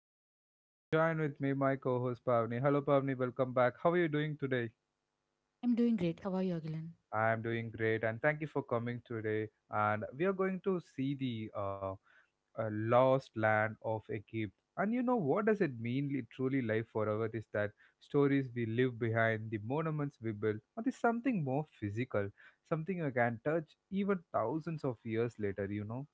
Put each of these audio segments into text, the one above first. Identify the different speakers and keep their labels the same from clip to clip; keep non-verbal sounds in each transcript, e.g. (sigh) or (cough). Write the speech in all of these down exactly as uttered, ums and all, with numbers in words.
Speaker 1: host Agilan and join with me my co-host Pavni. Hello Pavni, welcome back. How are you doing today?
Speaker 2: I'm doing great. How are you, Agilan?
Speaker 1: I am doing great and thank you for coming today. And we are going to see the uh, uh, lost land of Egypt. And you know what does it mean li- truly life forever? Is that stories we leave behind, the monuments we build, or is something more physical, something you can touch even thousands of years later, you know?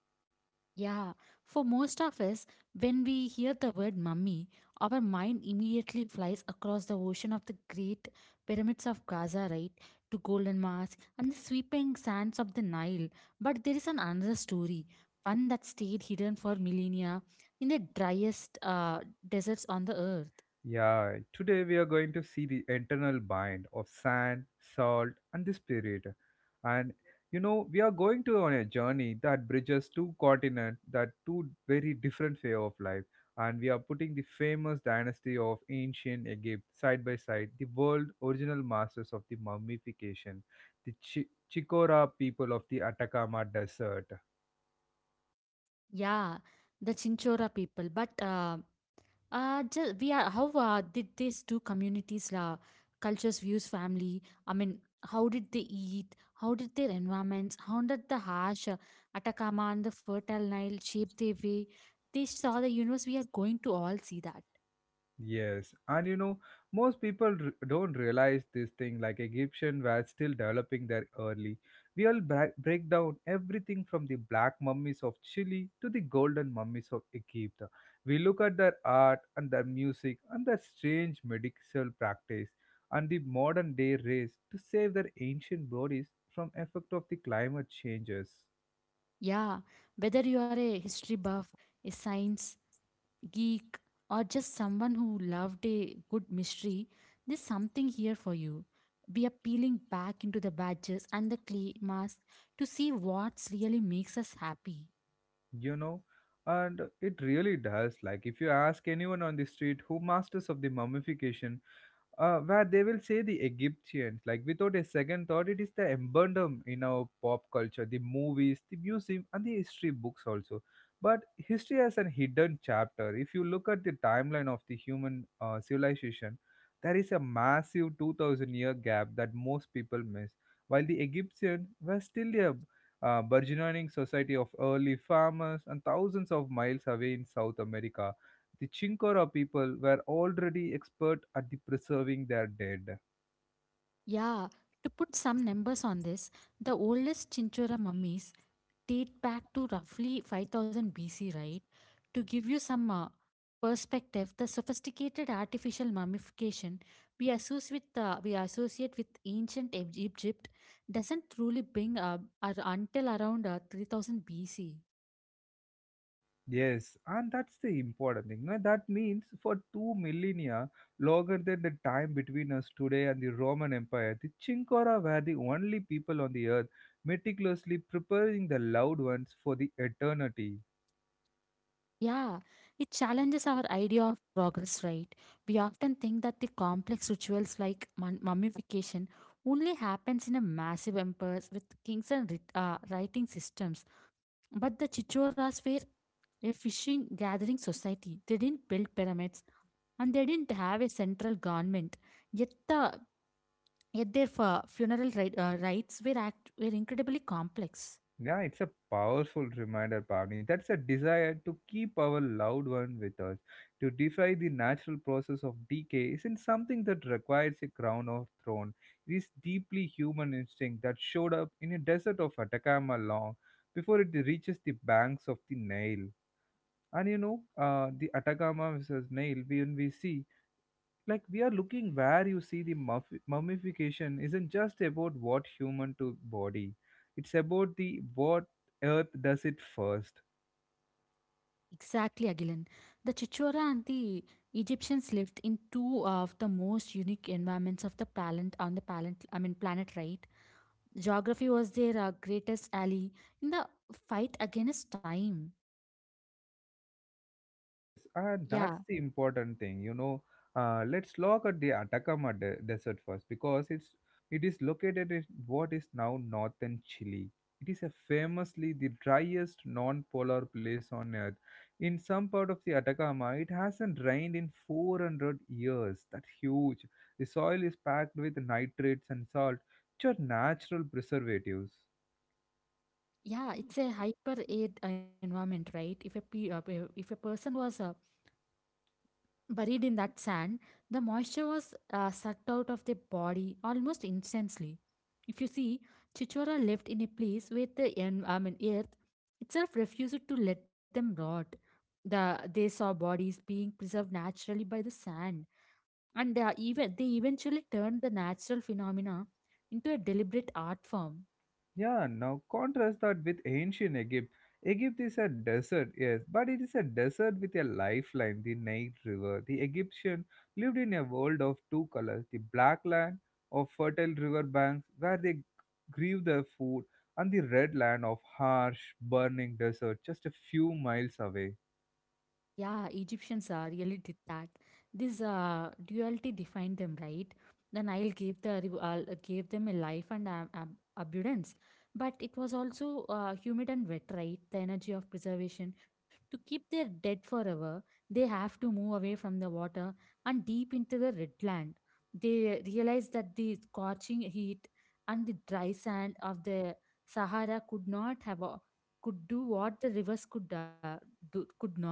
Speaker 2: Yeah, for most of us, when we hear the word mummy, our mind immediately flies across the ocean of the great pyramids of Gaza, right? To Golden Mosque and the sweeping sands of the Nile. But there is an another story, one that stayed hidden for millennia in the driest uh, deserts on the earth.
Speaker 1: Yeah, today we are going to see the internal bind of sand, salt, and the spirit. And you know, we are going to on a journey that bridges two continents, that two very different way of life. And we are putting the famous dynasty of ancient Egypt side by side, the world original masters of the mummification, the Chi- Chicora people of the Atacama Desert.
Speaker 2: Yeah, the Chinchora people. But uh, Uh, just we are how uh, did these two communities la cultures views family, i mean how did they eat, how did their environments, how did the harsh uh, Atacama and the fertile Nile shape their way they saw the universe? We are going to all see that.
Speaker 1: Yes, and you know, most people r- don't realize this thing. Like Egyptian were still developing their early. We all bra- break down everything from the black mummies of Chile to the golden mummies of Egypt. We look at their art and their music and their strange medical practice and the modern day race to save their ancient bodies from effect of the climate changes.
Speaker 2: Yeah, whether you are a history buff, a science geek, or just someone who loved a good mystery, there's something here for you. We are peeling back into the badges and the clay mask to see what really makes us happy.
Speaker 1: You know, and it really does. Like if you ask anyone on the street who masters of the mummification uh, where they will say the Egyptians, like without a second thought, it is the emblem in our pop culture, the movies, the museum, and the history books also. But history has an hidden chapter. If you look at the timeline of the human uh, civilization, there is a massive two thousand year gap that most people miss. While the Egyptians were still a uh, burgeoning society of early farmers and thousands of miles away in South America, the Chinkora people were already expert at the preserving their dead.
Speaker 2: Yeah, to put some numbers on this, the oldest Chinchora mummies date back to roughly five thousand B C, right? To give you some uh, perspective, the sophisticated artificial mummification we associate with uh, we associate with ancient Eg- Egypt doesn't truly bring up ar- until around uh, three thousand B C.
Speaker 1: Yes, and that's the important thing. Now, that means for two millennia, longer than the time between us today and the Roman Empire, the Chinkora were the only people on the earth meticulously preparing the loved ones for the eternity.
Speaker 2: Yeah, it challenges our idea of progress, right? We often think that the complex rituals like mun- mummification only happens in a massive empires with kings and writ- uh, writing systems. But the Chichoras were a fishing gathering society. They didn't build pyramids and they didn't have a central government. Yet, the, Yet their fu- funeral ri- uh, rites were, act- were incredibly complex.
Speaker 1: Yeah, it's a powerful reminder, Pavni. That's a desire to keep our loved one with us, to defy the natural process of decay, isn't something that requires a crown or throne. It is deeply human instinct that showed up in a desert of Atacama long before it reaches the banks of the Nile. And you know, uh, the Atacama versus Nile, when we see like we are looking where you see the muff- mummification isn't just about what human to body, it's about the what earth does it first.
Speaker 2: Exactly, Agilan. The Chichora and the Egyptians lived in two of the most unique environments of the planet on the planet. I mean, planet, right? Geography was their uh, greatest ally in the fight against time.
Speaker 1: Yes, and
Speaker 2: Yeah.
Speaker 1: that's the important thing, you know. Uh, let's look at the Atacama de- Desert first because it's it is located in what is now northern Chile. It is a famously the driest non-polar place on Earth. In some part of the Atacama, it hasn't rained in four hundred years. That's huge. The soil is packed with nitrates and salt, which are natural preservatives.
Speaker 2: Yeah, it's a hyper arid environment, right? If a pe- uh, pe- if a person was uh, buried in that sand, the moisture was uh, sucked out of their body almost instantly. If you see, Chichora lived in a place where the en- I mean, earth itself refused to let them rot. The they saw bodies being preserved naturally by the sand, and they are even they eventually turned the natural phenomena into a deliberate art form.
Speaker 1: Yeah, now contrast that with ancient Egypt. Egypt is a desert, yes, but it is a desert with a lifeline, the Nile River. The Egyptian lived in a world of two colors, the black land of fertile river banks where they grew their food, and the red land of harsh, burning desert just a few miles away.
Speaker 2: Yeah, Egyptians uh, really did that. This uh, duality defined them, right? The Nile gave the riv- uh, gave them a life and ab- ab- abundance, but it was also uh, humid and wet, right? The energy of preservation to keep their dead forever, they have to move away from the water and deep into the red land. They realized that the scorching heat and the dry sand of the Sahara could not have. A, could do what the rivers could uh, do, could not.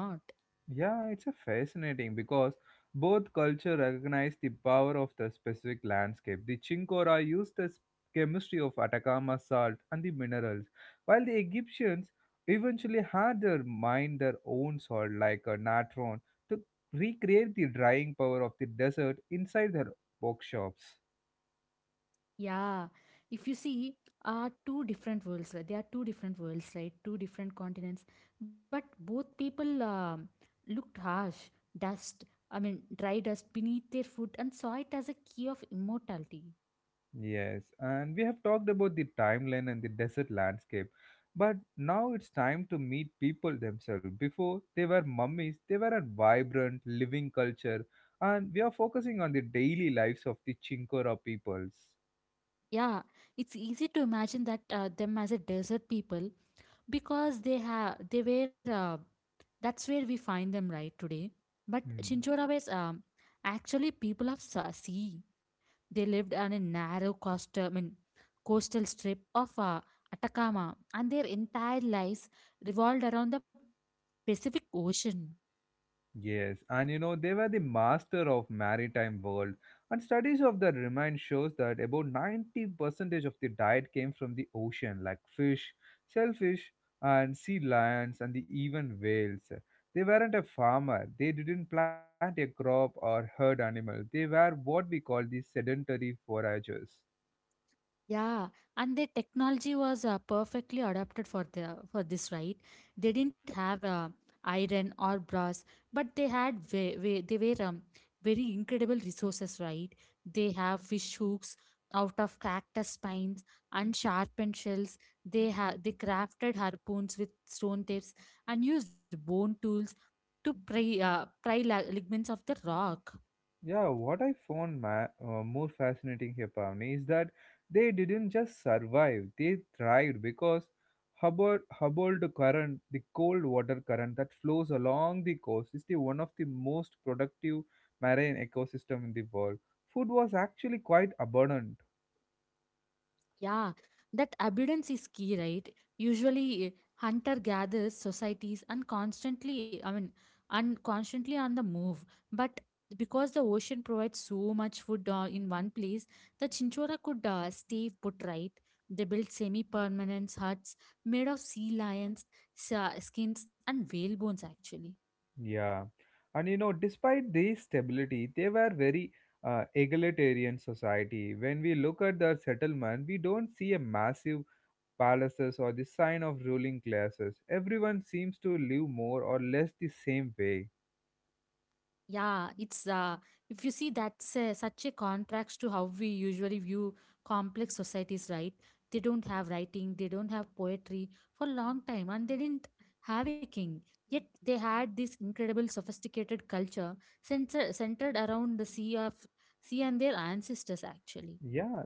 Speaker 1: Yeah, it's a fascinating because both culture recognize the power of the specific landscape. The Chinkora used the s- chemistry of Atacama salt and the minerals, while the Egyptians eventually had their mine their own salt like a natron to recreate the drying power of the desert inside their workshops.
Speaker 2: Yeah, if you see, are two different worlds, right? They are two different worlds, right? Two different continents, but both people um, looked harsh, dust, I mean, dry dust beneath their foot, and saw it as a key of immortality.
Speaker 1: Yes, and we have talked about the timeline and the desert landscape, but now it's time to meet people themselves. Before they were mummies, they were a vibrant, living culture, and we are focusing on the daily lives of the Chinkora peoples.
Speaker 2: Yeah, it's easy to imagine that uh, them as a desert people because they have they were uh, that's where we find them right today. But
Speaker 1: Hmm.
Speaker 2: Chinchorabes um actually people of sa- sea. They lived on a narrow coast, I mean, coastal strip of uh, Atacama, and their entire lives revolved around the Pacific Ocean.
Speaker 1: Yes, and you know, they were the master of maritime world. And studies of that remind shows that about ninety percentage of the diet came from the ocean, like fish, shellfish, and sea lions, and the even whales. They weren't a farmer. They didn't plant a crop or herd animal. They were what we call the sedentary foragers.
Speaker 2: Yeah, and the technology was uh, perfectly adapted for the uh, for this, right? They didn't have uh, iron or brass, but they had ve- ve- they were um, very incredible resources, right? They have fish hooks out of cactus spines and sharpened shells. They ha- they crafted harpoons with stone tips and used bone tools to pry uh, pry la- ligaments of the rock.
Speaker 1: Yeah, what I found ma- uh, more fascinating here, Pavni, is that they didn't just survive; they thrived because Hubbard, Hubbard current, the cold water current that flows along the coast, is the one of the most productive marine ecosystem in the world. Food was actually quite abundant.
Speaker 2: Yeah, that abundance is key, right? Usually, eh, hunter gathers societies and constantly, I mean, and constantly on the move. But because the ocean provides so much food uh, in one place, the chinchora could uh, stay put right. They built semi-permanent huts made of sea lions, sa- skins, and whale bones, actually.
Speaker 1: Yeah, and you know, despite this stability, they were very uh, egalitarian society. When we look at the settlement, we don't see a massive palaces, or the sign of ruling classes. Everyone seems to live more or less the same way.
Speaker 2: Yeah, it's uh, if you see, that's uh, such a contrast to how we usually view complex societies, right? They don't have writing, they don't have poetry for a long time, and they didn't have a king. Yet they had this incredible, sophisticated culture centered centered around the sea of sea and their ancestors, actually.
Speaker 1: Yeah,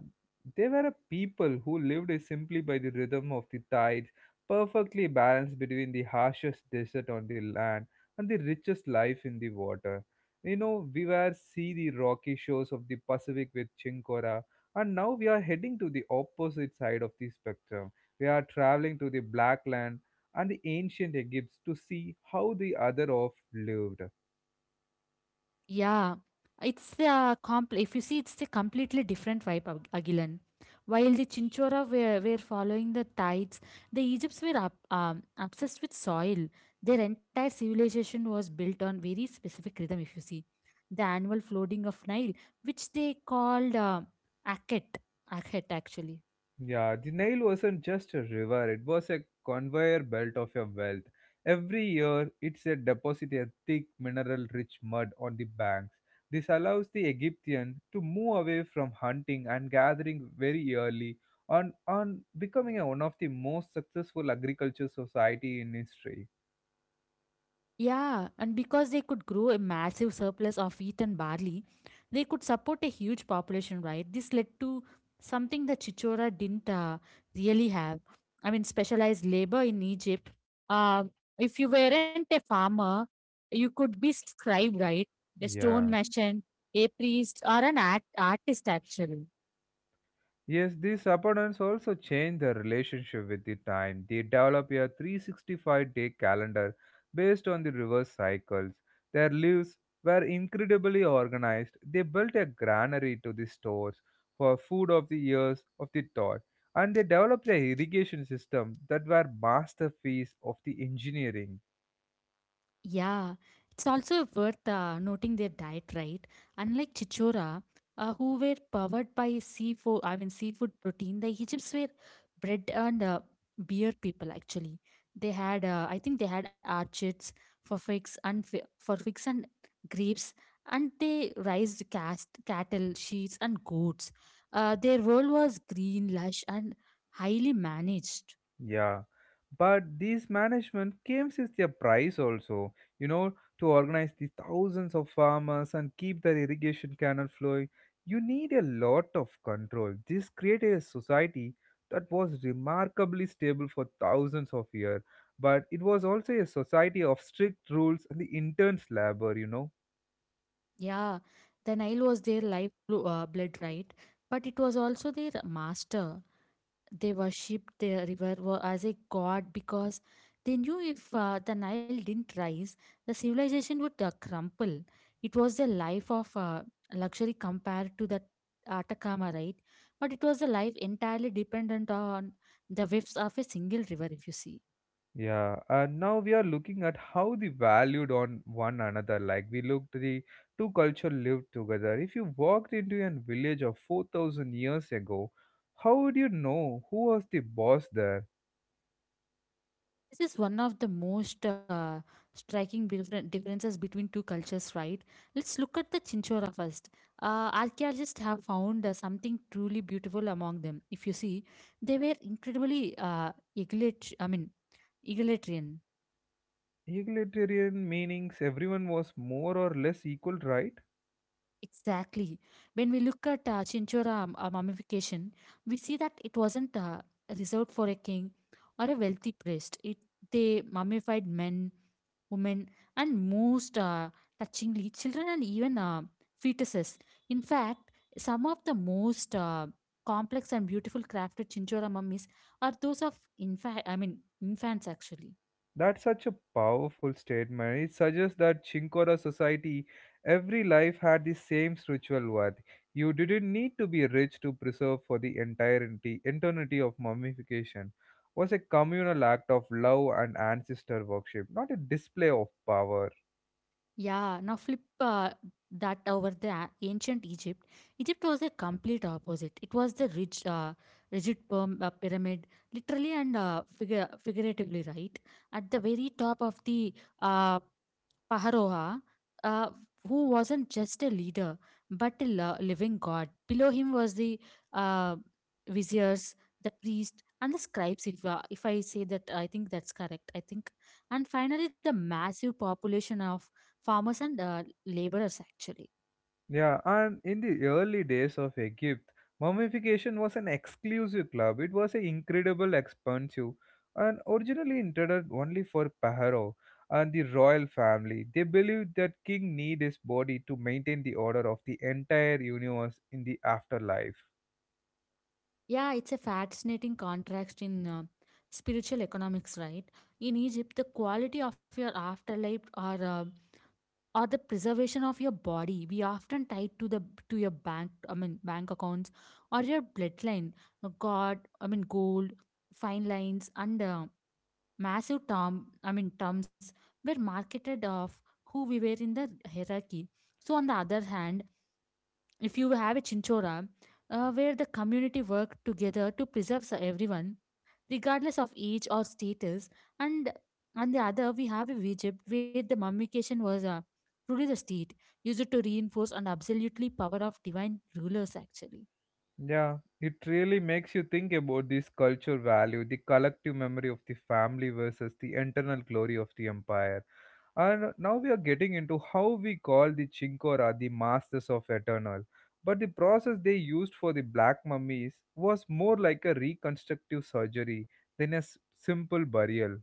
Speaker 1: they were a people who lived simply by the rhythm of the tides, perfectly balanced between the harshest desert on the land and the richest life in the water. You know, we were see the rocky shores of the Pacific with Chinkora, and now we are heading to the opposite side of the spectrum. We are traveling to the Black Land and the ancient Egypt to see how the other off lived.
Speaker 2: Yeah, it's a comp. If you see, it's a completely different vibe, Ag- Agilan. While the Chinchora were, were following the tides, the Egypts were up, um, obsessed with soil. Their entire civilization was built on very specific rhythm. If you see, the annual flooding of Nile, which they called uh, Akhet, Akhet actually.
Speaker 1: Yeah, the Nile wasn't just a river, it was a conveyor belt of your wealth. Every year, it's a deposit a thick mineral rich mud on the banks. This allows the Egyptian to move away from hunting and gathering very early on, on becoming a one of the most successful agriculture society in history.
Speaker 2: Yeah, and because they could grow a massive surplus of wheat and barley, they could support a huge population, right? This led to something that Chichora didn't uh, really have. I mean, specialized labor in Egypt. Uh, if you weren't a farmer, you could be scribe, right? A stone
Speaker 1: Yeah.
Speaker 2: merchant, a priest, or an art- artist, actually.
Speaker 1: Yes, these abundance also change their relationship with the time. They develop a three hundred sixty-five day calendar based on the reverse cycles. Their lives were incredibly organized. They built a granary to the stores for food of the years of the toy. And they developed an irrigation system that were masterpiece of the engineering.
Speaker 2: Yeah, it's also worth uh, noting their diet, right? Unlike Chichora, uh, who were powered by seafood, I mean seafood protein, the Egypts were bread and uh, beer people. Actually, they had, uh, I think they had archids for figs and fi- for figs and grapes, and they raised cast cattle, sheep, and goats. Uh, their role was green, lush, and highly managed.
Speaker 1: Yeah, but these management games is their price also. You know, to organize the thousands of farmers and keep the irrigation canal flowing, you need a lot of control. This created a society that was remarkably stable for thousands of years, but it was also a society of strict rules and the intense labor, you know.
Speaker 2: Yeah, the Nile was their life blo- uh, blood, right? But it was also their master. They worshipped the river wa- as a god because they knew if uh, the Nile didn't rise, the civilization would uh, crumple. It was a life of uh, luxury compared to the Atacama, right? But it was a life entirely dependent on the waves of a single river, if you see.
Speaker 1: Yeah, and now we are looking at how they valued on one another. Like we looked, the two culture lived together. If you walked into a village of four thousand years ago, how would you know who was the boss there?
Speaker 2: This is one of the most uh, striking differen- differences between two cultures, right? Let's look at the Chinchora first. Uh, archaeologists have found uh, something truly beautiful among them. If you see, they were incredibly uh, egalitarian. I mean, egalitarian.
Speaker 1: Egalitarian meanings everyone was more or less equal, right?
Speaker 2: Exactly. When we look at uh, Chinchora um, uh, mummification, we see that it wasn't uh, reserved for a king or a wealthy priest. It they mummified men, women, and most uh, touchingly, children and even uh, fetuses. In fact, some of the most uh, complex and beautiful crafted Chinchora mummies are those of infa- I mean infants actually.
Speaker 1: That's such a powerful statement. It suggests that Chinkora society, every life had the same spiritual worth. You didn't need to be rich to preserve for the entirety eternity of mummification. Was a communal act of love and ancestor worship, not a display of power.
Speaker 2: Yeah, now flip uh, that over the a- ancient Egypt. Egypt was a complete opposite. It was the rich, uh, rigid perm, uh, pyramid, literally and uh, figure, figuratively, right? At the very top of the uh, Paharoha, uh, who wasn't just a leader but a lo- living god. Below him was the uh, viziers, the priest, and the scribes. If uh, if I say that, I think that's correct. I think, and finally the massive population of farmers and uh, laborers actually.
Speaker 1: Yeah, and in the early days of Egypt, mummification was an exclusive club. It was an incredible expensive and originally intended only for Pharaoh and the royal family. They believed that king need his body to maintain the order of the entire universe in the afterlife.
Speaker 2: Yeah, it's a fascinating contrast in uh, spiritual economics, right? In Egypt, the quality of your afterlife, or uh, or the preservation of your body we often tie to the to your bank I mean bank accounts or your bloodline. Uh, god I mean Gold fine lines and uh, massive term i mean terms were marketed of who we were in the hierarchy. So on the other hand, if you have a Chinchora, uh, where the community work together to preserve s- everyone, regardless of age or status, and on the other we have a Egypt where the mummification was uh, truly the state used to reinforce an absolutely power of divine rulers, actually.
Speaker 1: Yeah, it really makes you think about this culture value, the collective memory of the family versus the internal glory of the empire. And now we are getting into how we call the Chinkora the masters of eternal. But the process they used for the black mummies was more like a reconstructive surgery than a s- simple burial.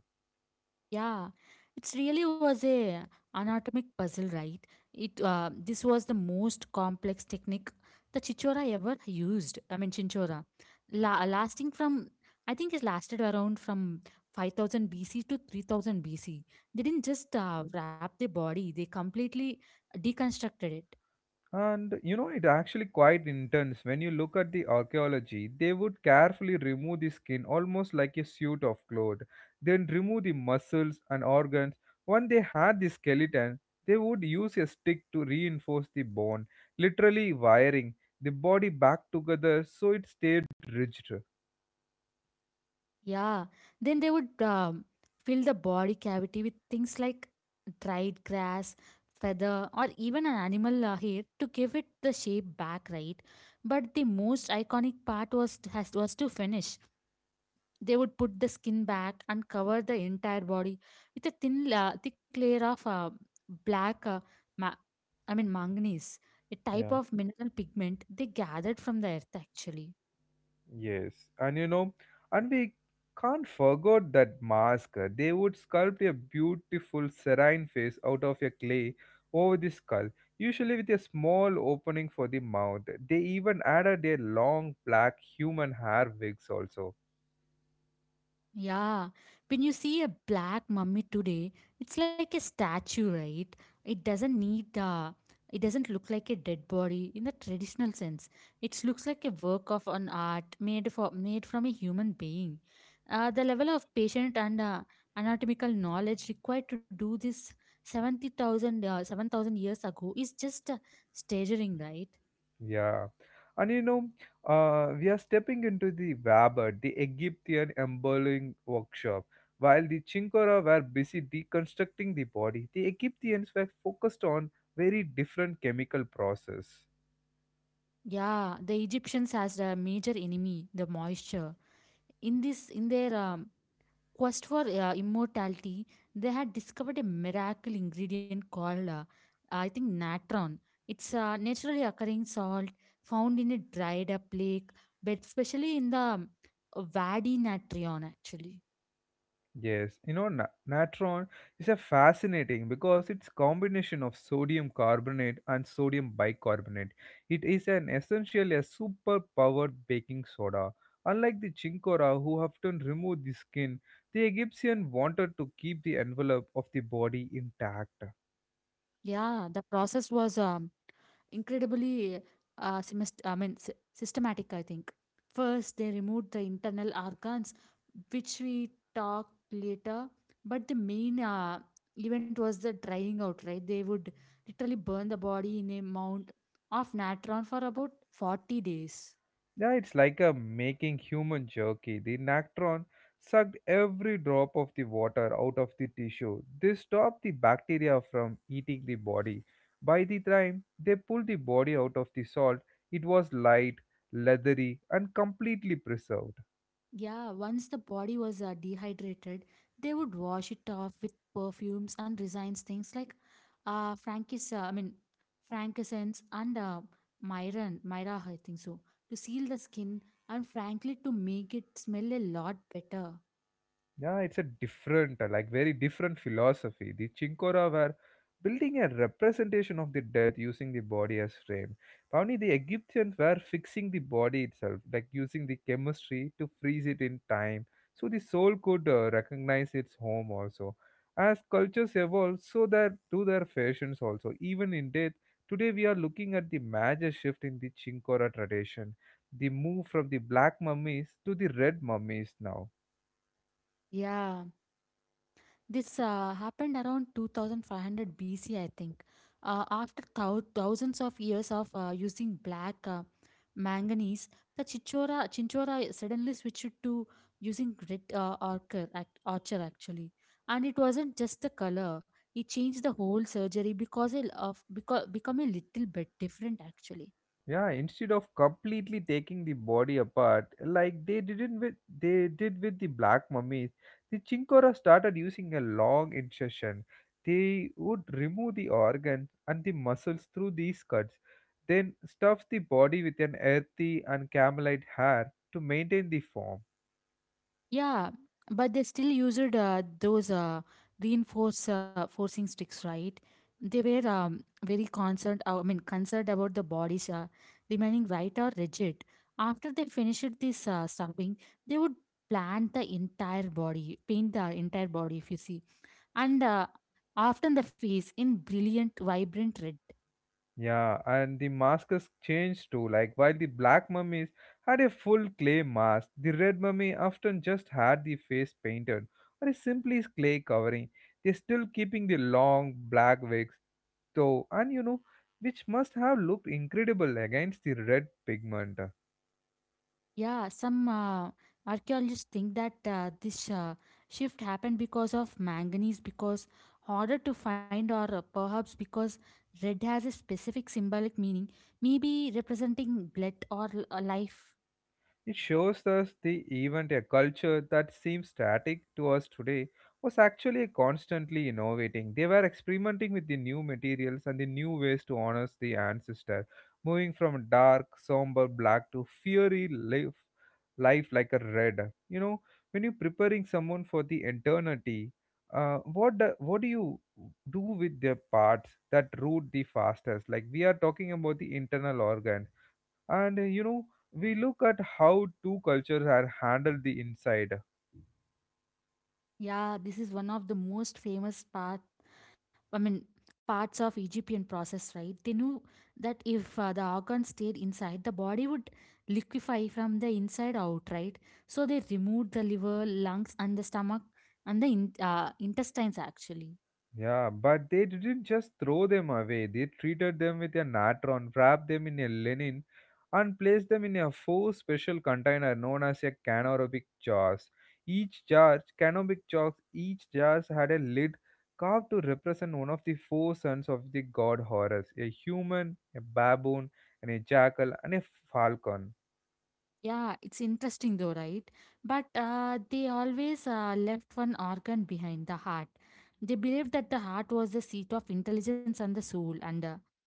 Speaker 2: Yeah, it really was a anatomic puzzle, right? It uh, this was the most complex technique the Chichora ever used. I mean Chinchora, La- lasting from, I think it lasted around from five thousand B C to three thousand B C. They didn't just uh, wrap the body; they completely deconstructed it.
Speaker 1: And you know, it actually quite intense. When you look at the archaeology, they would carefully remove the skin almost like a suit of clothes, then remove the muscles and organs. When they had the skeleton, they would use a stick to reinforce the bone, literally wiring the body back together so it stayed rigid.
Speaker 2: Yeah, then they would um, fill the body cavity with things like dried grass, feather, or even an animal uh, hair to give it the shape back, right? But the most iconic part was has, was to finish. They would put the skin back and cover the entire body with a thin, la thick layer of uh, black, uh, ma- I mean manganese, a type
Speaker 1: Yeah.
Speaker 2: of mineral pigment they gathered from the earth, actually.
Speaker 1: Yes, and you know, and we can't forget that mask. uh, They would sculpt a beautiful serene face out of a clay over the skull, usually with a small opening for the mouth. They even added a long black human hair wigs also.
Speaker 2: Yeah, when you see a black mummy today, it's like a statue, right? It doesn't need uh, it doesn't look like a dead body in the traditional sense. It looks like a work of an art made for made from a human being. Uh, the level of patient and uh, anatomical knowledge required to do this seventy thousand uh, seven thousand years ago is just uh, staggering, right?
Speaker 1: Yeah. And you know, uh, we are stepping into the Wabat, the Egyptian embroidery workshop. While the Chinkora were busy deconstructing the body, the Egyptians were focused on very different chemical process.
Speaker 2: Yeah, the Egyptians has a major enemy, the moisture in this in their um, quest for uh, immortality, they had discovered a miracle ingredient called, uh, I think, natron. It's a naturally occurring salt found in a dried up lake, but especially in the um, Vadi Natrion, actually.
Speaker 1: Yes, you know, na- natron is a fascinating because it's combination of sodium carbonate and sodium bicarbonate. It is an essentially a super powered baking soda. Unlike the chinkora, who often remove the skin, the Egyptian wanted to keep the envelope of the body intact.
Speaker 2: Yeah, the process was um, incredibly uh, semest- I mean, sy- systematic, I think. First, they removed the internal organs, which we talked later. But the main uh, event was the drying out, right? They would literally burn the body in a mound of natron for about forty days.
Speaker 1: Yeah, it's like a making human jerky. The Nactron sucked every drop of the water out of the tissue. This stopped the bacteria from eating the body. By the time they pulled the body out of the salt, it was light, leathery, and completely preserved.
Speaker 2: Yeah, once the body was uh, dehydrated, they would wash it off with perfumes and designs things like uh, Frankis, uh, I mean, frankincense and uh, myron, myra, I think so, to seal the skin and frankly to make it smell a lot better.
Speaker 1: Yeah, it's a different, uh, like very different philosophy. The Chinkora were building a representation of the death using the body as frame. Pavni, the Egyptians were fixing the body itself, like using the chemistry to freeze it in time, so the soul could uh, recognize its home also. As cultures evolve, so that do their fashions also. Even in death, today we are looking at the major shift in the Chinkora tradition, the move from the black mummies to the red mummies now.
Speaker 2: Yeah. This uh, happened around two thousand five hundred B C, I think. Uh, after thou- thousands of years of uh, using black uh, manganese, the Chichora, Chinchora suddenly switched to using red uh, ochre, act- ochre, actually. And it wasn't just the color, it changed the whole surgery because it- of because become a little bit different, actually.
Speaker 1: Yeah, instead of completely taking the body apart, like they didn't with they did with the black mummies, the Chinkora started using a long incision. They would remove the organs and the muscles through these cuts, then stuff the body with an earthy and camelite hair to maintain the form.
Speaker 2: Yeah, but they still used uh, those uh, reinforce uh, forcing sticks, right? They were um, very concerned. Uh, I mean, concerned about the bodies uh, remaining right or rigid. After they finished this uh, stuffing, they would plant the entire body, paint the entire body, if you see, and uh, often the face in brilliant, vibrant red.
Speaker 1: Yeah, and the masks changed too. Like while the black mummies had a full clay mask, the red mummy often just had the face painted or a simply clay covering. They're still keeping the long black wigs though, and you know, which must have looked incredible against the red pigment.
Speaker 2: Yeah, some uh, archaeologists think that uh, this uh, shift happened because of manganese, because harder to find, or uh, perhaps because red has a specific symbolic meaning, maybe representing blood or l- uh, life.
Speaker 1: It shows us the event, a culture that seems static to us today, was actually constantly innovating. They were experimenting with the new materials and the new ways to honor the ancestor, moving from dark, somber black to fiery life, life like a red. You know, when you're preparing someone for the eternity, uh, what do, what do you do with their parts that root the fastest? Like we are talking about the internal organ and uh, you know we look at how two cultures are handled the inside.
Speaker 2: Yeah, this is one of the most famous part. I mean, parts of Egyptian process, right? They knew that if uh, the organ stayed inside, the body would liquefy from the inside out, right? So they removed the liver, lungs, and the stomach and the in, uh, intestines actually.
Speaker 1: Yeah, but they didn't just throw them away. They treated them with a natron, wrapped them in a linen, and placed them in a four special container known as a canopic jars. Each jar canopic jars each jars had a lid carved to represent one of the four sons of the god Horus, a human, a baboon, and a jackal, and a falcon.
Speaker 2: Yeah, it's interesting though, right? But uh, they always uh, left one organ behind, the heart. They believed that the heart was the seat of intelligence and the soul, and uh,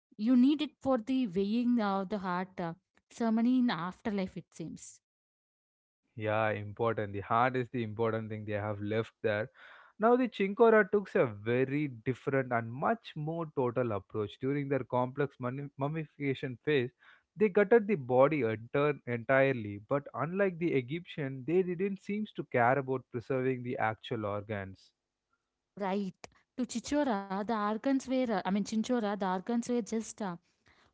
Speaker 2: you need it for the weighing of the heart uh, ceremony in afterlife, it seems.
Speaker 1: Yeah, important. The heart is the important thing they have left there. Now, the Chinkora took a very different and much more total approach. During their complex mummi- mummification phase, they gutted the body enter- entirely, but unlike the Egyptian, they didn't seem to care about preserving the actual organs.
Speaker 2: Right. To Chichora, the organs were, uh, I mean, Chinchora, the organs were just, uh,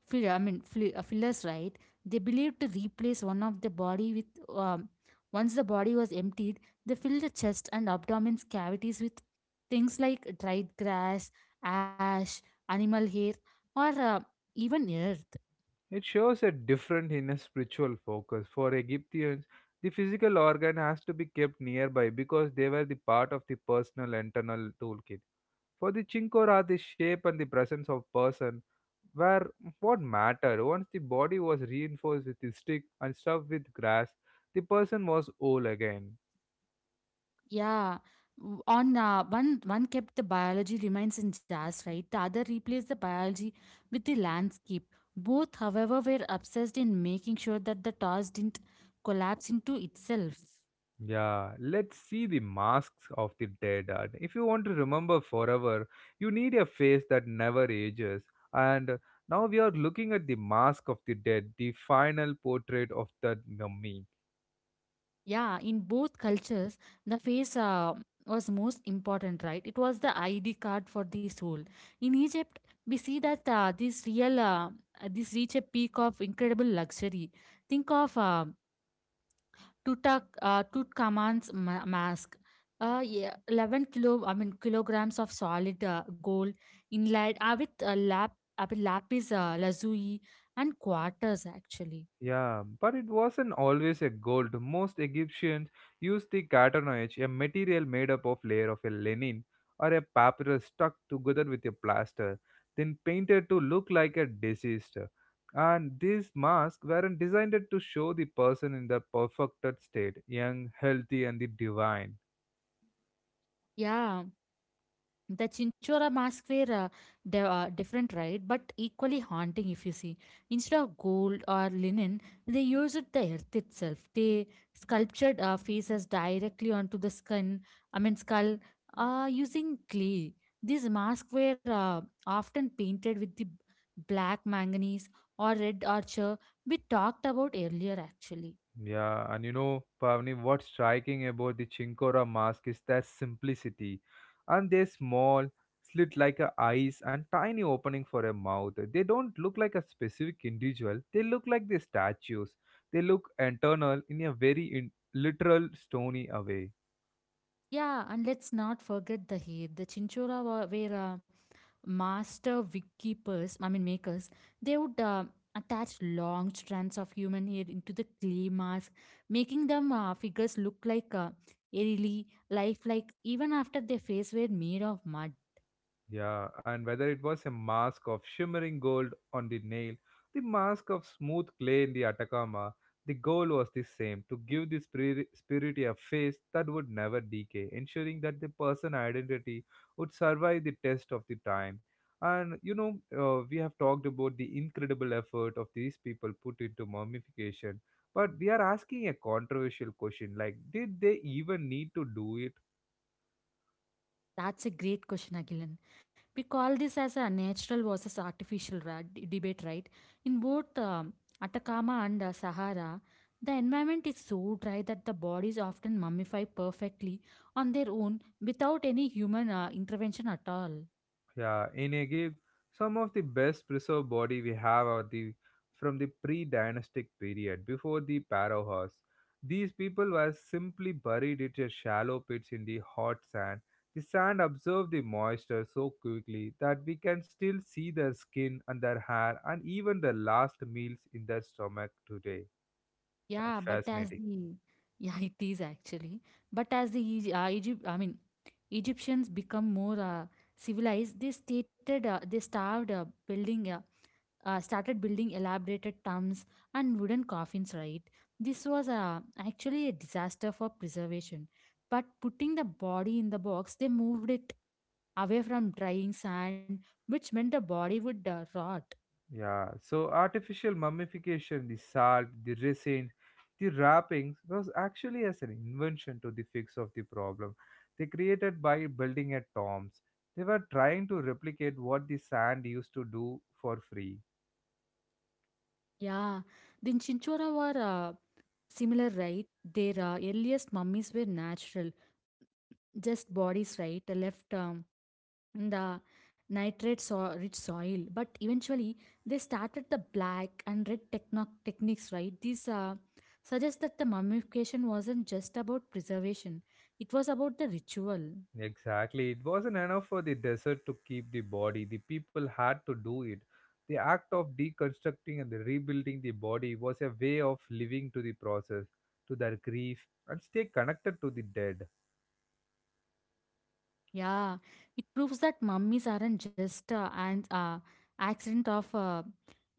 Speaker 2: fill, I mean, fli- uh, fillers, right? They believed to replace one of the body with, um, once the body was emptied, they filled the chest and abdomen's cavities with things like dried grass, ash, animal hair, or uh, even earth.
Speaker 1: It shows a different inner spiritual focus. For Egyptians, the physical organ has to be kept nearby because they were the part of the personal internal toolkit. For the Chinkor are the shape and the presence of person were what mattered. Once the body was reinforced with the stick and stuffed with grass, the person was whole again.
Speaker 2: Yeah. W- On uh, one one kept the biology remains in jazz, right? The other replaced the biology with the landscape. Both, however, were obsessed in making sure that the task didn't collapse into itself.
Speaker 1: Yeah, let's see the masks of the dead. And if you want to remember forever, you need a face that never ages. And now we are looking at the mask of the dead, the final portrait of the mummy.
Speaker 2: Yeah, in both cultures, the face uh, was most important, right? It was the I D card for the soul. In Egypt, we see that uh, this real uh, uh, this reach a peak of incredible luxury. Think of uh, Tutak, uh, Tutankhamun's ma- mask, uh, yeah, eleven kilo, I mean kilograms of solid uh, gold inlaid uh, with uh, lap, I mean lapis uh, lazuli and quarters actually.
Speaker 1: Yeah, but it wasn't always a gold. Most Egyptians used the cartonoid, a material made up of layer of a linen or a papyrus stuck together with a plaster, then painted to look like a deceased. And these masks weren't designed to show the person in their perfected state, young, healthy, and the divine.
Speaker 2: Yeah, the chinchora masks were uh, di- uh, different, right, but equally haunting. If you see, instead of gold or linen, they used the earth itself. They sculptured uh, faces directly onto the skin I mean skull, uh, using clay. These masks were uh, often painted with the black manganese or red ochre we talked about earlier, actually.
Speaker 1: Yeah, and you know, Pavni, what's striking about the Chinkora mask is their simplicity. And they're small, slit like a eyes, and tiny opening for a mouth. They don't look like a specific individual. They look like the statues. They look internal in a very in- literal, stony way.
Speaker 2: Yeah, and let's not forget the hair. The chinchora were, were Uh, master wickkeepers, I mean makers. They would uh, attach long strands of human hair into the clay mask, making them uh, figures look like uh, eerily lifelike even after their face were made of mud.
Speaker 1: Yeah, and whether it was a mask of shimmering gold on the nail, the mask of smooth clay in the Atacama, the goal was the same to give the spirit, spirit a face that would never decay, ensuring that the person identity would survive the test of the time. And you know, uh, we have talked about the incredible effort of these people put into mummification, but we are asking a controversial question like, did they even need to do it?
Speaker 2: That's a great question, Agilan. We call this as a natural versus artificial ra- d- debate, right? In both um, Atacama and uh, Sahara, the environment is so dry that the bodies often mummify perfectly on their own without any human uh, intervention at all.
Speaker 1: Yeah, in Egypt, some of the best preserved body we have are the from the pre-dynastic period before the Pharaohs. These people were simply buried in a shallow pits in the hot sand. The sand absorbed the moisture so quickly that we can still see their skin and their hair and even their last meals in their stomach today. That's
Speaker 2: Yeah, but as
Speaker 1: fascinating.
Speaker 2: the yeah, (laughs) it is actually. But as the Egy- uh, Egypt, I mean, Egyptians become more uh, civilized, they stated uh, they starved uh, building uh, uh, started building elaborated tombs and wooden coffins. Right, this was uh, actually a disaster for preservation. But putting the body in the box, they moved it away from drying sand, which meant the body would uh, rot.
Speaker 1: Yeah, so artificial mummification, the salt, the resin, the wrappings was actually as an invention to the fix of the problem. They created by building at tombs. They were trying to replicate what the sand used to do for free.
Speaker 2: Yeah, the Chinchora were uh, similar, right? Their uh, earliest mummies were natural, just bodies, right? Left um, in the nitrate so- rich soil. But eventually, they started the black and red techno- techniques, right? These uh, suggest that the mummification wasn't just about preservation, it was about the ritual.
Speaker 1: Exactly. It wasn't enough for the desert to keep the body. The people had to do it. The act of deconstructing and the rebuilding the body was a way of living to the process, to their grief, and stay connected to the dead.
Speaker 2: Yeah, it proves that mummies aren't just uh, an uh, accident of. Uh,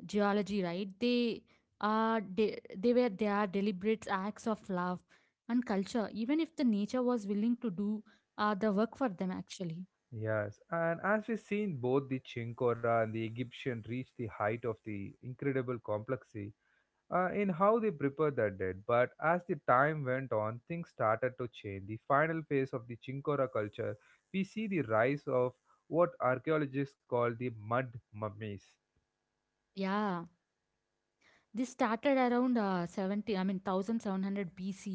Speaker 2: geology, right? they are de- they were They are deliberate acts of love and culture, even if the nature was willing to do uh, the work for them, actually.
Speaker 1: Yes, and as we've seen, both the Chinkora and the Egyptian reach the height of the incredible complexity uh, in how they prepared their dead. But as the time went on, things started to change. The final phase of the Chinkora culture, we see the rise of what archaeologists call the mud mummies.
Speaker 2: Yeah, this started around uh, 70 I mean 1700 BC,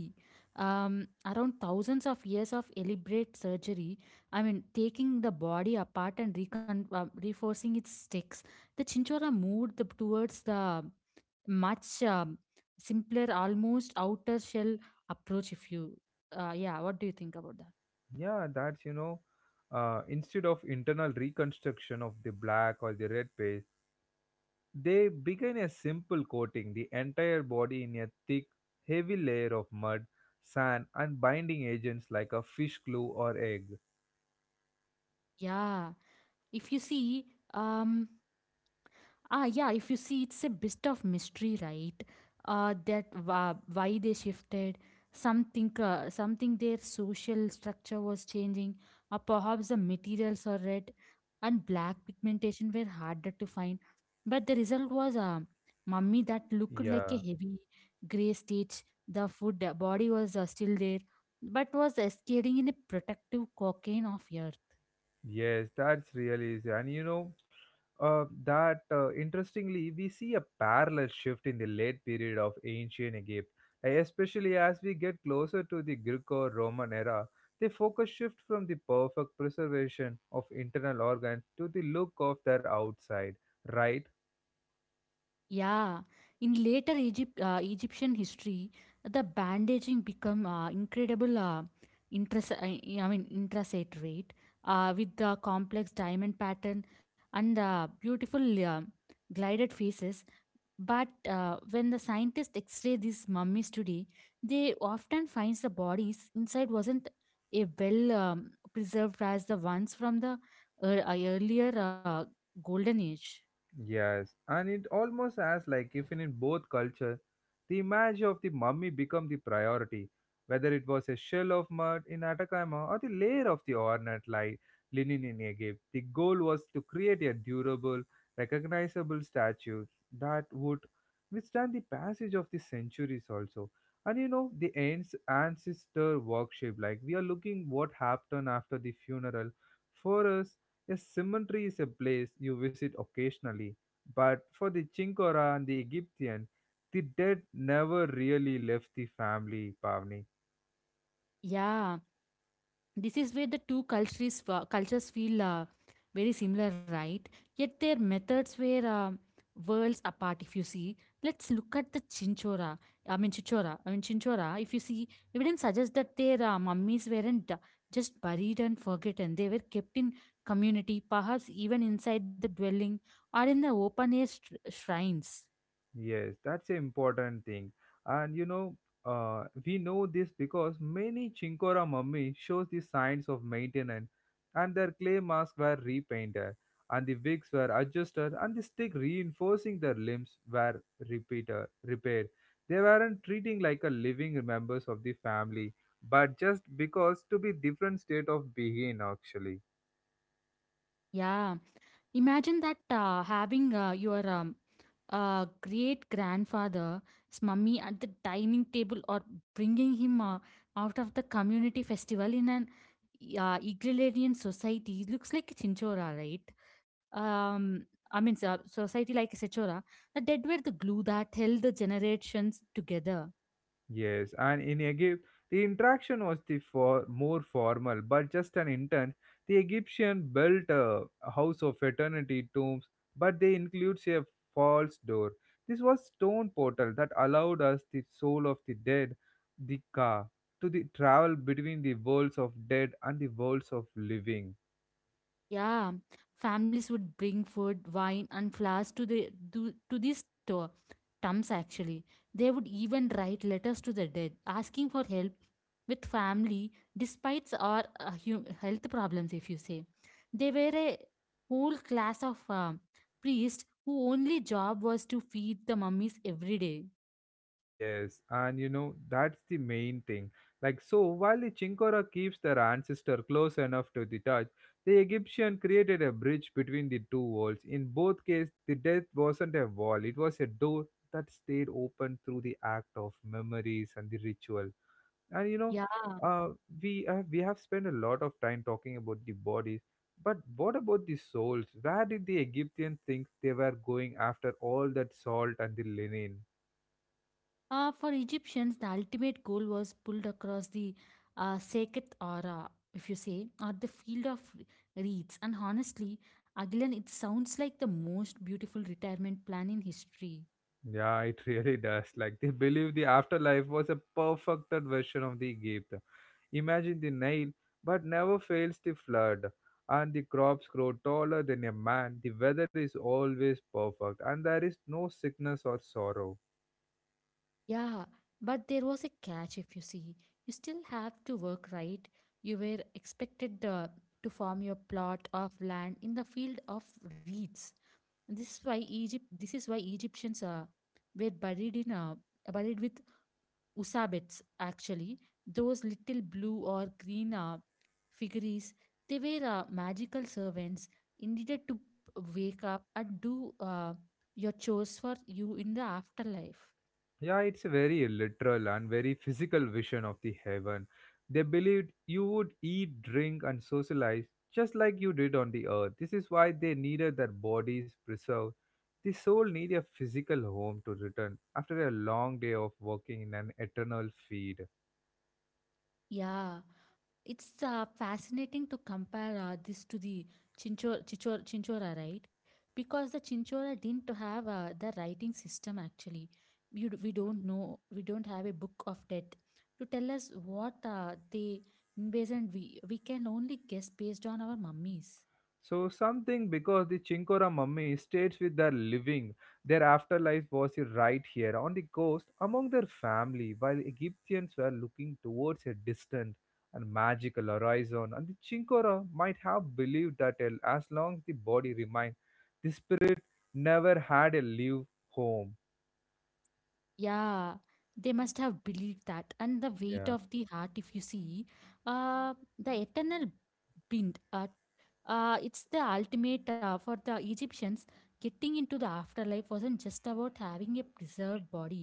Speaker 2: um, around thousands of years of elaborate surgery, i mean taking the body apart and recon- uh, reinforcing its sticks. The chinchora moved the, towards the much um, simpler, almost outer shell approach. If you, uh, yeah, what do you think about that?
Speaker 1: Yeah, that's you know, uh, instead of internal reconstruction of the black or the red paste. They begin a simple coating the entire body in a thick, heavy layer of mud, sand, and binding agents like a fish glue or egg.
Speaker 2: Yeah, if you see, um, Ah, yeah, if you see, it's a bit of mystery, right? Uh, that wa- why they shifted, something, uh, something, their social structure was changing, or perhaps the materials or red and black pigmentation were harder to find. But the result was a mummy that looked like a
Speaker 1: Yeah,
Speaker 2: heavy gray stitch. The food the body was uh, still there, but was escaping in a protective cocoon of air.
Speaker 1: yes, that's really easy. And you know, uh, that uh, interestingly, we see a parallel shift in the late period of ancient Egypt, uh, especially as we get closer to the Greco Roman era. The focus shift from the perfect preservation of internal organs to the look of their outside, right?
Speaker 2: Yeah, in later Egypt, uh, Egyptian history, the bandaging become uh, incredible. Uh, Interest, I I mean, Intrasate rate uh, with the complex diamond pattern and uh, beautiful uh, glided faces. But uh, when the scientists X-ray these mummies today, they often finds the bodies inside wasn't a well um, preserved as the ones from the uh, earlier uh, golden age.
Speaker 1: Yes, and it almost as like if in both culture, the image of the mummy become the priority, whether it was a shell of mud in Atacama or the layer of the ornate like linen in Egypt. The goal was to create a durable, recognizable statue that would withstand the passage of the centuries also. And you know the ans- ancestor worship, like we are looking what happened after the funeral. For us, a cemetery is a place you visit occasionally, but for the Chinkora and the Egyptian, the dead never really left the family, Pavni.
Speaker 2: Yeah, this is where the two cultures cultures feel uh, very similar, right? Yet their methods were uh, worlds apart. If you see, let's look at the Chinchora. I mean Chichora. I mean Chinchora. If you see, we didn't suggest that their uh, mummies weren't uh, just buried and forgotten. They were kept in community, perhaps even inside the dwelling or in the open air str shrines.
Speaker 1: Yes, that's an important thing. And you know, uh, we know this because many Chinkora mummy shows the signs of maintenance and their clay masks were repainted and the wigs were adjusted and the stick reinforcing their limbs were repeated, repaired. They weren't treating like a living members of the family, but just because to be different state of being actually.
Speaker 2: Yeah. Imagine that uh, having uh, your um, uh, great grandfather's mummy at the dining table or bringing him uh, out of the community festival in an uh, egalitarian society. It looks like a chinchora, right? Um, I mean, so- Society like a chinchora. The dead were the glue that held the generations together.
Speaker 1: Yes, and in Egypt, the interaction was the for more formal, but just an intent. The Egyptian built a house of eternity tombs, but they includes a false door. This was stone portal that allowed us the soul of the dead, the car, to the travel between the worlds of dead and the worlds of living.
Speaker 2: Yeah, families would bring food, wine, and flowers to the do, to these to- tombs. Actually, they would even write letters to the dead, asking for help with family, despite our uh, hu- health problems. If you say, they were a whole class of uh, priests who only job was to feed the mummies every day.
Speaker 1: Yes, and you know, that's the main thing. Like, so while the Chinkora keeps their ancestor close enough to the touch, the Egyptian created a bridge between the two worlds. In both cases, the death wasn't a wall, it was a door that stayed open through the act of memories and the ritual. And you know,
Speaker 2: Yeah.
Speaker 1: uh, we, uh, we have spent a lot of time talking about the bodies, but what about the souls? Where did the Egyptians think they were going after all that salt and the linen?
Speaker 2: Uh, for Egyptians, the ultimate goal was pulled across the uh, sacred aura, if you say, or the field of reeds. And honestly, Agilan, it sounds like the most beautiful retirement plan in history.
Speaker 1: Yeah, it (laughs) really does. Like they believe the afterlife was a perfected version of the Egypt. Imagine the Nile, but never fails to flood, and the crops grow taller than a man. The weather is always perfect, and there is no sickness or sorrow.
Speaker 2: Yeah, but there was a catch, if you see. You still have to work, right? You were expected uh, to farm your plot of land in the field of reeds. This is why Egypt. This is why Egyptians uh, were buried in uh, buried with Usabets, actually, those little blue or green uh, figurines. They were uh, magical servants intended to p- wake up and do uh, your chores for you in the afterlife.
Speaker 1: Yeah, it's a very literal and very physical vision of the heaven. They believed you would eat, drink, and socialize just like you did on the earth. This is why they needed their bodies preserved. The soul needed a physical home to return after a long day of working in an eternal field.
Speaker 2: Yeah, it's uh, fascinating to compare uh, this to the Chinchor, Chichor, Chinchora, right? Because the Chinchora didn't have uh, the writing system, actually. You, d- we don't know, we don't have a book of death to tell us what uh, they envisioned. We, we can only guess based on our mummies.
Speaker 1: So something because the Chinkora mummy states with their living, their afterlife was right here on the coast among their family, while Egyptians were looking towards a distant and magical horizon. And the Chinkora might have believed that el- as long as the body remained, the spirit never had a live home.
Speaker 2: Yeah, they must have believed that. And the weight of the heart, if you see, uh, the eternal bind uh, Uh, it's the ultimate uh, for the Egyptians. Getting into the afterlife wasn't just about having a preserved body,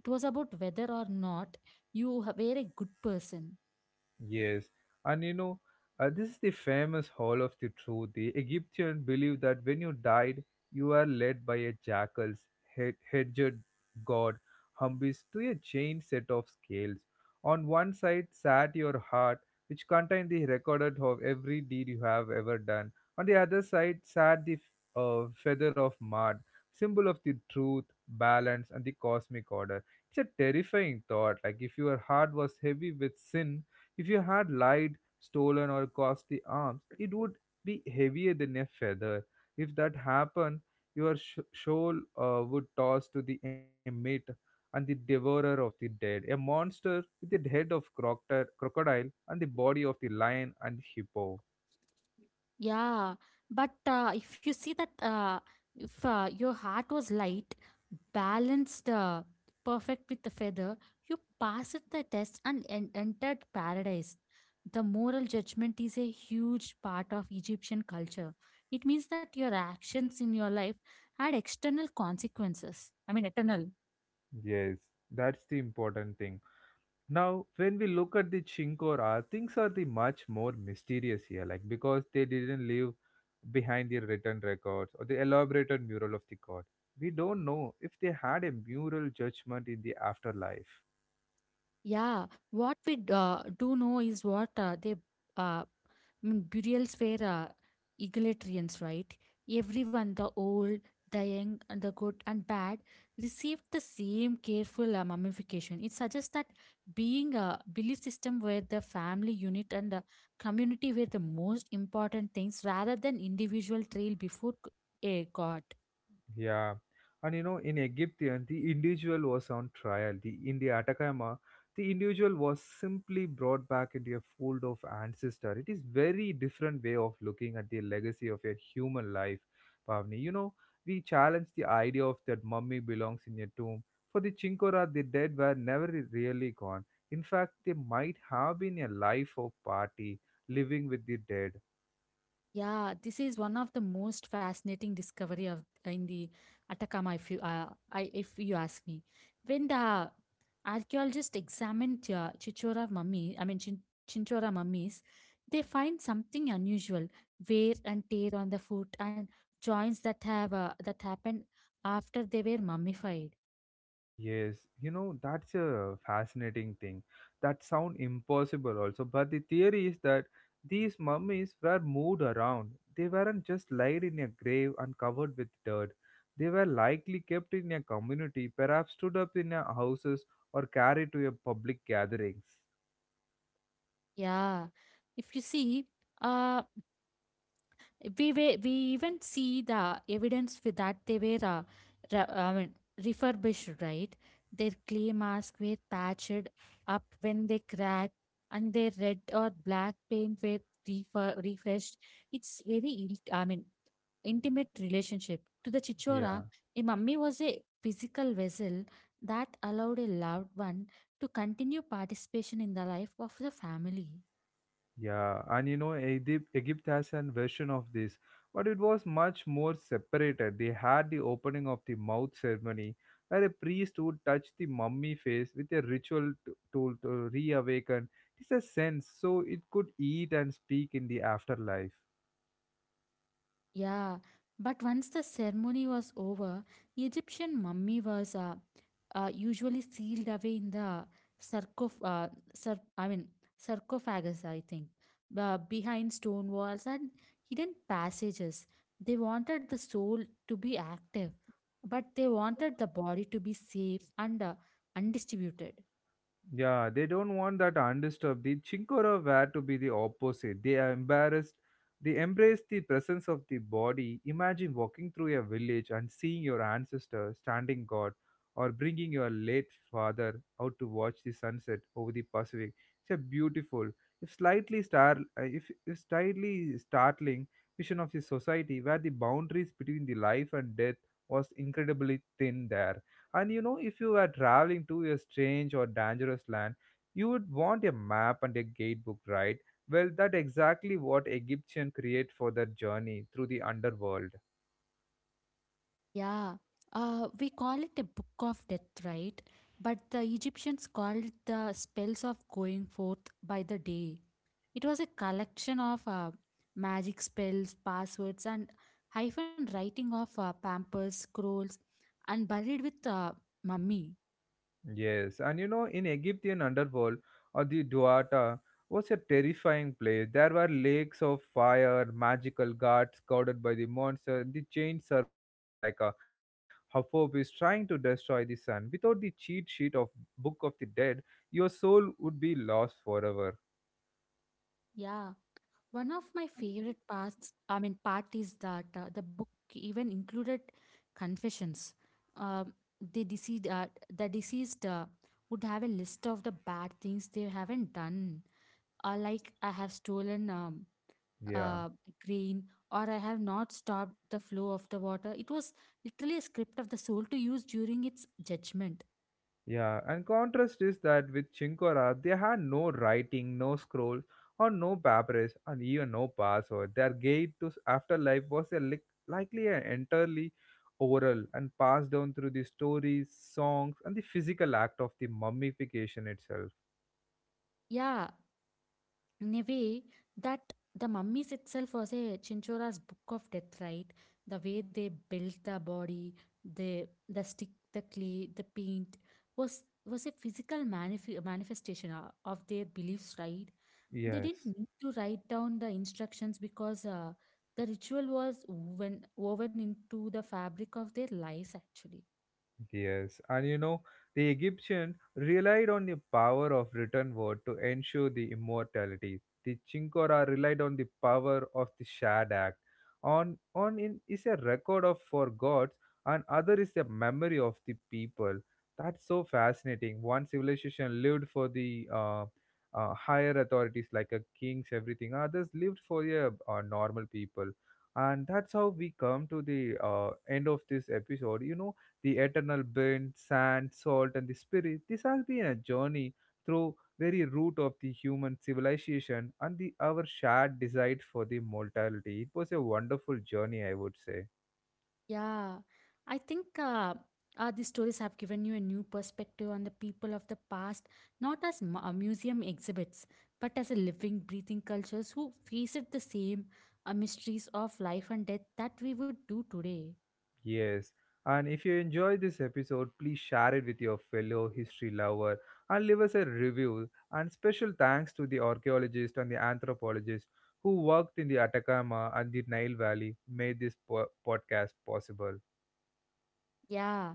Speaker 2: it was about whether or not you ha- were a good person.
Speaker 1: Yes, and you know, uh, this is the famous Hall of the Truth. The Egyptian believed that when you died, you are led by a jackal's head- hedged god Humbis to a chain set of scales. On one side sat your heart, which contained the record of every deed you have ever done. On the other side sat the f- uh, feather of mud, symbol of the truth, balance, and the cosmic order. It's a terrifying thought. Like if your heart was heavy with sin, if you had lied, stolen, or costly arms, it would be heavier than a feather. If that happened, your sh- shoal uh, would toss to the emit and the devourer of the dead, a monster with the head of crocodile crocodile and the body of the lion and hippo.
Speaker 2: Yeah, but uh, if you see that, uh, if uh, your heart was light, balanced, uh, perfect with the feather, you passed the test and en- entered paradise. The moral judgment is a huge part of Egyptian culture. It means that your actions in your life had external consequences. I mean, eternal.
Speaker 1: Yes, that's the important thing. Now, when we look at the Chinkora, things are the much more mysterious here, like because they didn't leave behind their written records or the elaborated mural of the god. We don't know if they had a mural judgment in the afterlife.
Speaker 2: Yeah, what we d- uh, do know is what uh, they uh, mm, burials were uh, egalitarians, right? Everyone, the old, the young, and the good and bad, received the same careful uh, mummification. It suggests that being a belief system where the family unit and the community were the most important things rather than individual trail before c- a god.
Speaker 1: Yeah, and you know, in Egyptian, the individual was on trial. The in the Atacama, the individual was simply brought back into a fold of ancestor. It is very different way of looking at the legacy of a human life, Pavni. You know, we challenge the idea of that mummy belongs in a tomb. For the Chinkora, the dead were never really gone. In fact, they might have been a life of party, living with the dead.
Speaker 2: Yeah, this is one of the most fascinating discovery of uh, in the Atacama. If you, uh, I, if you ask me, when the archaeologists examined uh, Chichora mummy, I mean Chin- Chinchora mummies, they find something unusual: wear and tear on the foot and joints that have uh, that happened after they were mummified.
Speaker 1: Yes, you know, that's a fascinating thing. That sound impossible also, but the theory is that these mummies were moved around. They weren't just laid in a grave and covered with dirt. They were likely kept in a community, perhaps stood up in a houses or carried to a public gatherings.
Speaker 2: Yeah, if you see, uh, we were, we even see the evidence with that they were uh, re- I mean, refurbished, right. Their clay masks were patched up when they cracked and their red or black paint were refer- refreshed. It's very il- i mean intimate relationship to the
Speaker 1: Yeah.
Speaker 2: chichora. A mummy was a physical vessel that allowed a loved one to continue participation in the life of the family.
Speaker 1: Yeah, and you know, Egypt, Egypt has an version of this, but it was much more separated. They had the opening of the mouth ceremony, where a priest would touch the mummy face with a ritual t- tool to reawaken. It's a sense, so it could eat and speak in the afterlife.
Speaker 2: Yeah, but once the ceremony was over, Egyptian mummy was uh, uh, usually sealed away in the sarcoph- uh, sar- I mean sarcophagus, I think, uh, behind stone walls and hidden passages. They wanted the soul to be active, but they wanted the body to be safe and uh, undistributed.
Speaker 1: Yeah, they don't want that undisturbed. The Chinkora were to be the opposite. They are embarrassed. They embrace the presence of the body. Imagine walking through a village and seeing your ancestor standing guard or bringing your late father out to watch the sunset over the Pacific. It's a beautiful, if slightly star, uh, if, if slightly startling vision of the society where the boundaries between the life and death was incredibly thin there. And you know, if you were traveling to a strange or dangerous land, you would want a map and a guidebook, right? Well, that exactly what Egyptian create for their journey through the underworld.
Speaker 2: Yeah, uh, we call it a book of death, right? But the Egyptians called it the spells of going forth by the day. It was a collection of uh, magic spells, passwords, and hyphen writing of uh, pampers, scrolls, and buried with uh, mummy.
Speaker 1: Yes, and you know, in Egyptian underworld or the Duata was a terrifying place. There were lakes of fire, magical gods guarded by the monster, the chained serpents like a Hathorn trying to destroy the sun. Without the cheat sheet of Book of the Dead, your soul would be lost forever.
Speaker 2: Yeah. One of my favorite parts, I mean, part is that uh, the book even included confessions. Um, the deceased, uh, the deceased uh, would have a list of the bad things they haven't done, uh, like I have stolen um,
Speaker 1: Yeah.
Speaker 2: uh, grain or I have not stopped the flow of the water. It was literally a script of the soul to use during its judgment.
Speaker 1: Yeah, and contrast is that with Chinkora, they had no writing, no scrolls, or no papyrus, and even no password. Their gate to s- afterlife was a lic- likely an entirely oral and passed down through the stories, songs, and the physical act of the mummification itself.
Speaker 2: Yeah, in a way that the mummies itself was a Chinchora's book of death, right? The way they built the body, the the stick, the clay, the paint was was a physical manif- manifestation uh, of their beliefs, right? They didn't
Speaker 1: Yes.
Speaker 2: need to write down the instructions because uh, the ritual was woven woven into the fabric of their lives, actually.
Speaker 1: Yes, and you know, the Egyptian relied on the power of written word to ensure the immortality. The Chinkora relied on the power of the Shad Act. On on in is a record of for gods, and other is the memory of the people. That's so fascinating. One civilization lived for the uh, uh, higher authorities like a kings, everything. Others lived for the uh, normal people. And that's how we come to the uh, end of this episode. You know, the eternal burn, sand, salt, and the spirit. This has been a journey through very root of the human civilization and the our shared desire for the mortality. It was a wonderful journey, I would say.
Speaker 2: Yeah, I think uh, uh, these stories have given you a new perspective on the people of the past, not as mu- uh, museum exhibits, but as a living, breathing cultures who faced the same uh, mysteries of life and death that we would do today.
Speaker 1: Yes. And if you enjoyed this episode, please share it with your fellow history lover and leave us a review. And special thanks to the archaeologist and the anthropologist who worked in the Atacama and the Nile Valley made this po- podcast possible.
Speaker 2: Yeah,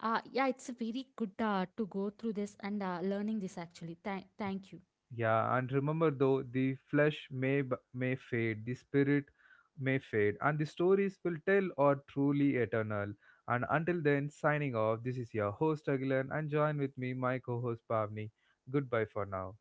Speaker 2: uh, yeah, it's a very good uh, to go through this and uh, learning this, actually. Thank, thank you.
Speaker 1: Yeah, and remember though, the flesh may b- may fade, the spirit may fade, and the stories will tell are truly eternal. And until then, signing off. This is your host Agilan, and join with me, my co-host Pavni. Goodbye for now.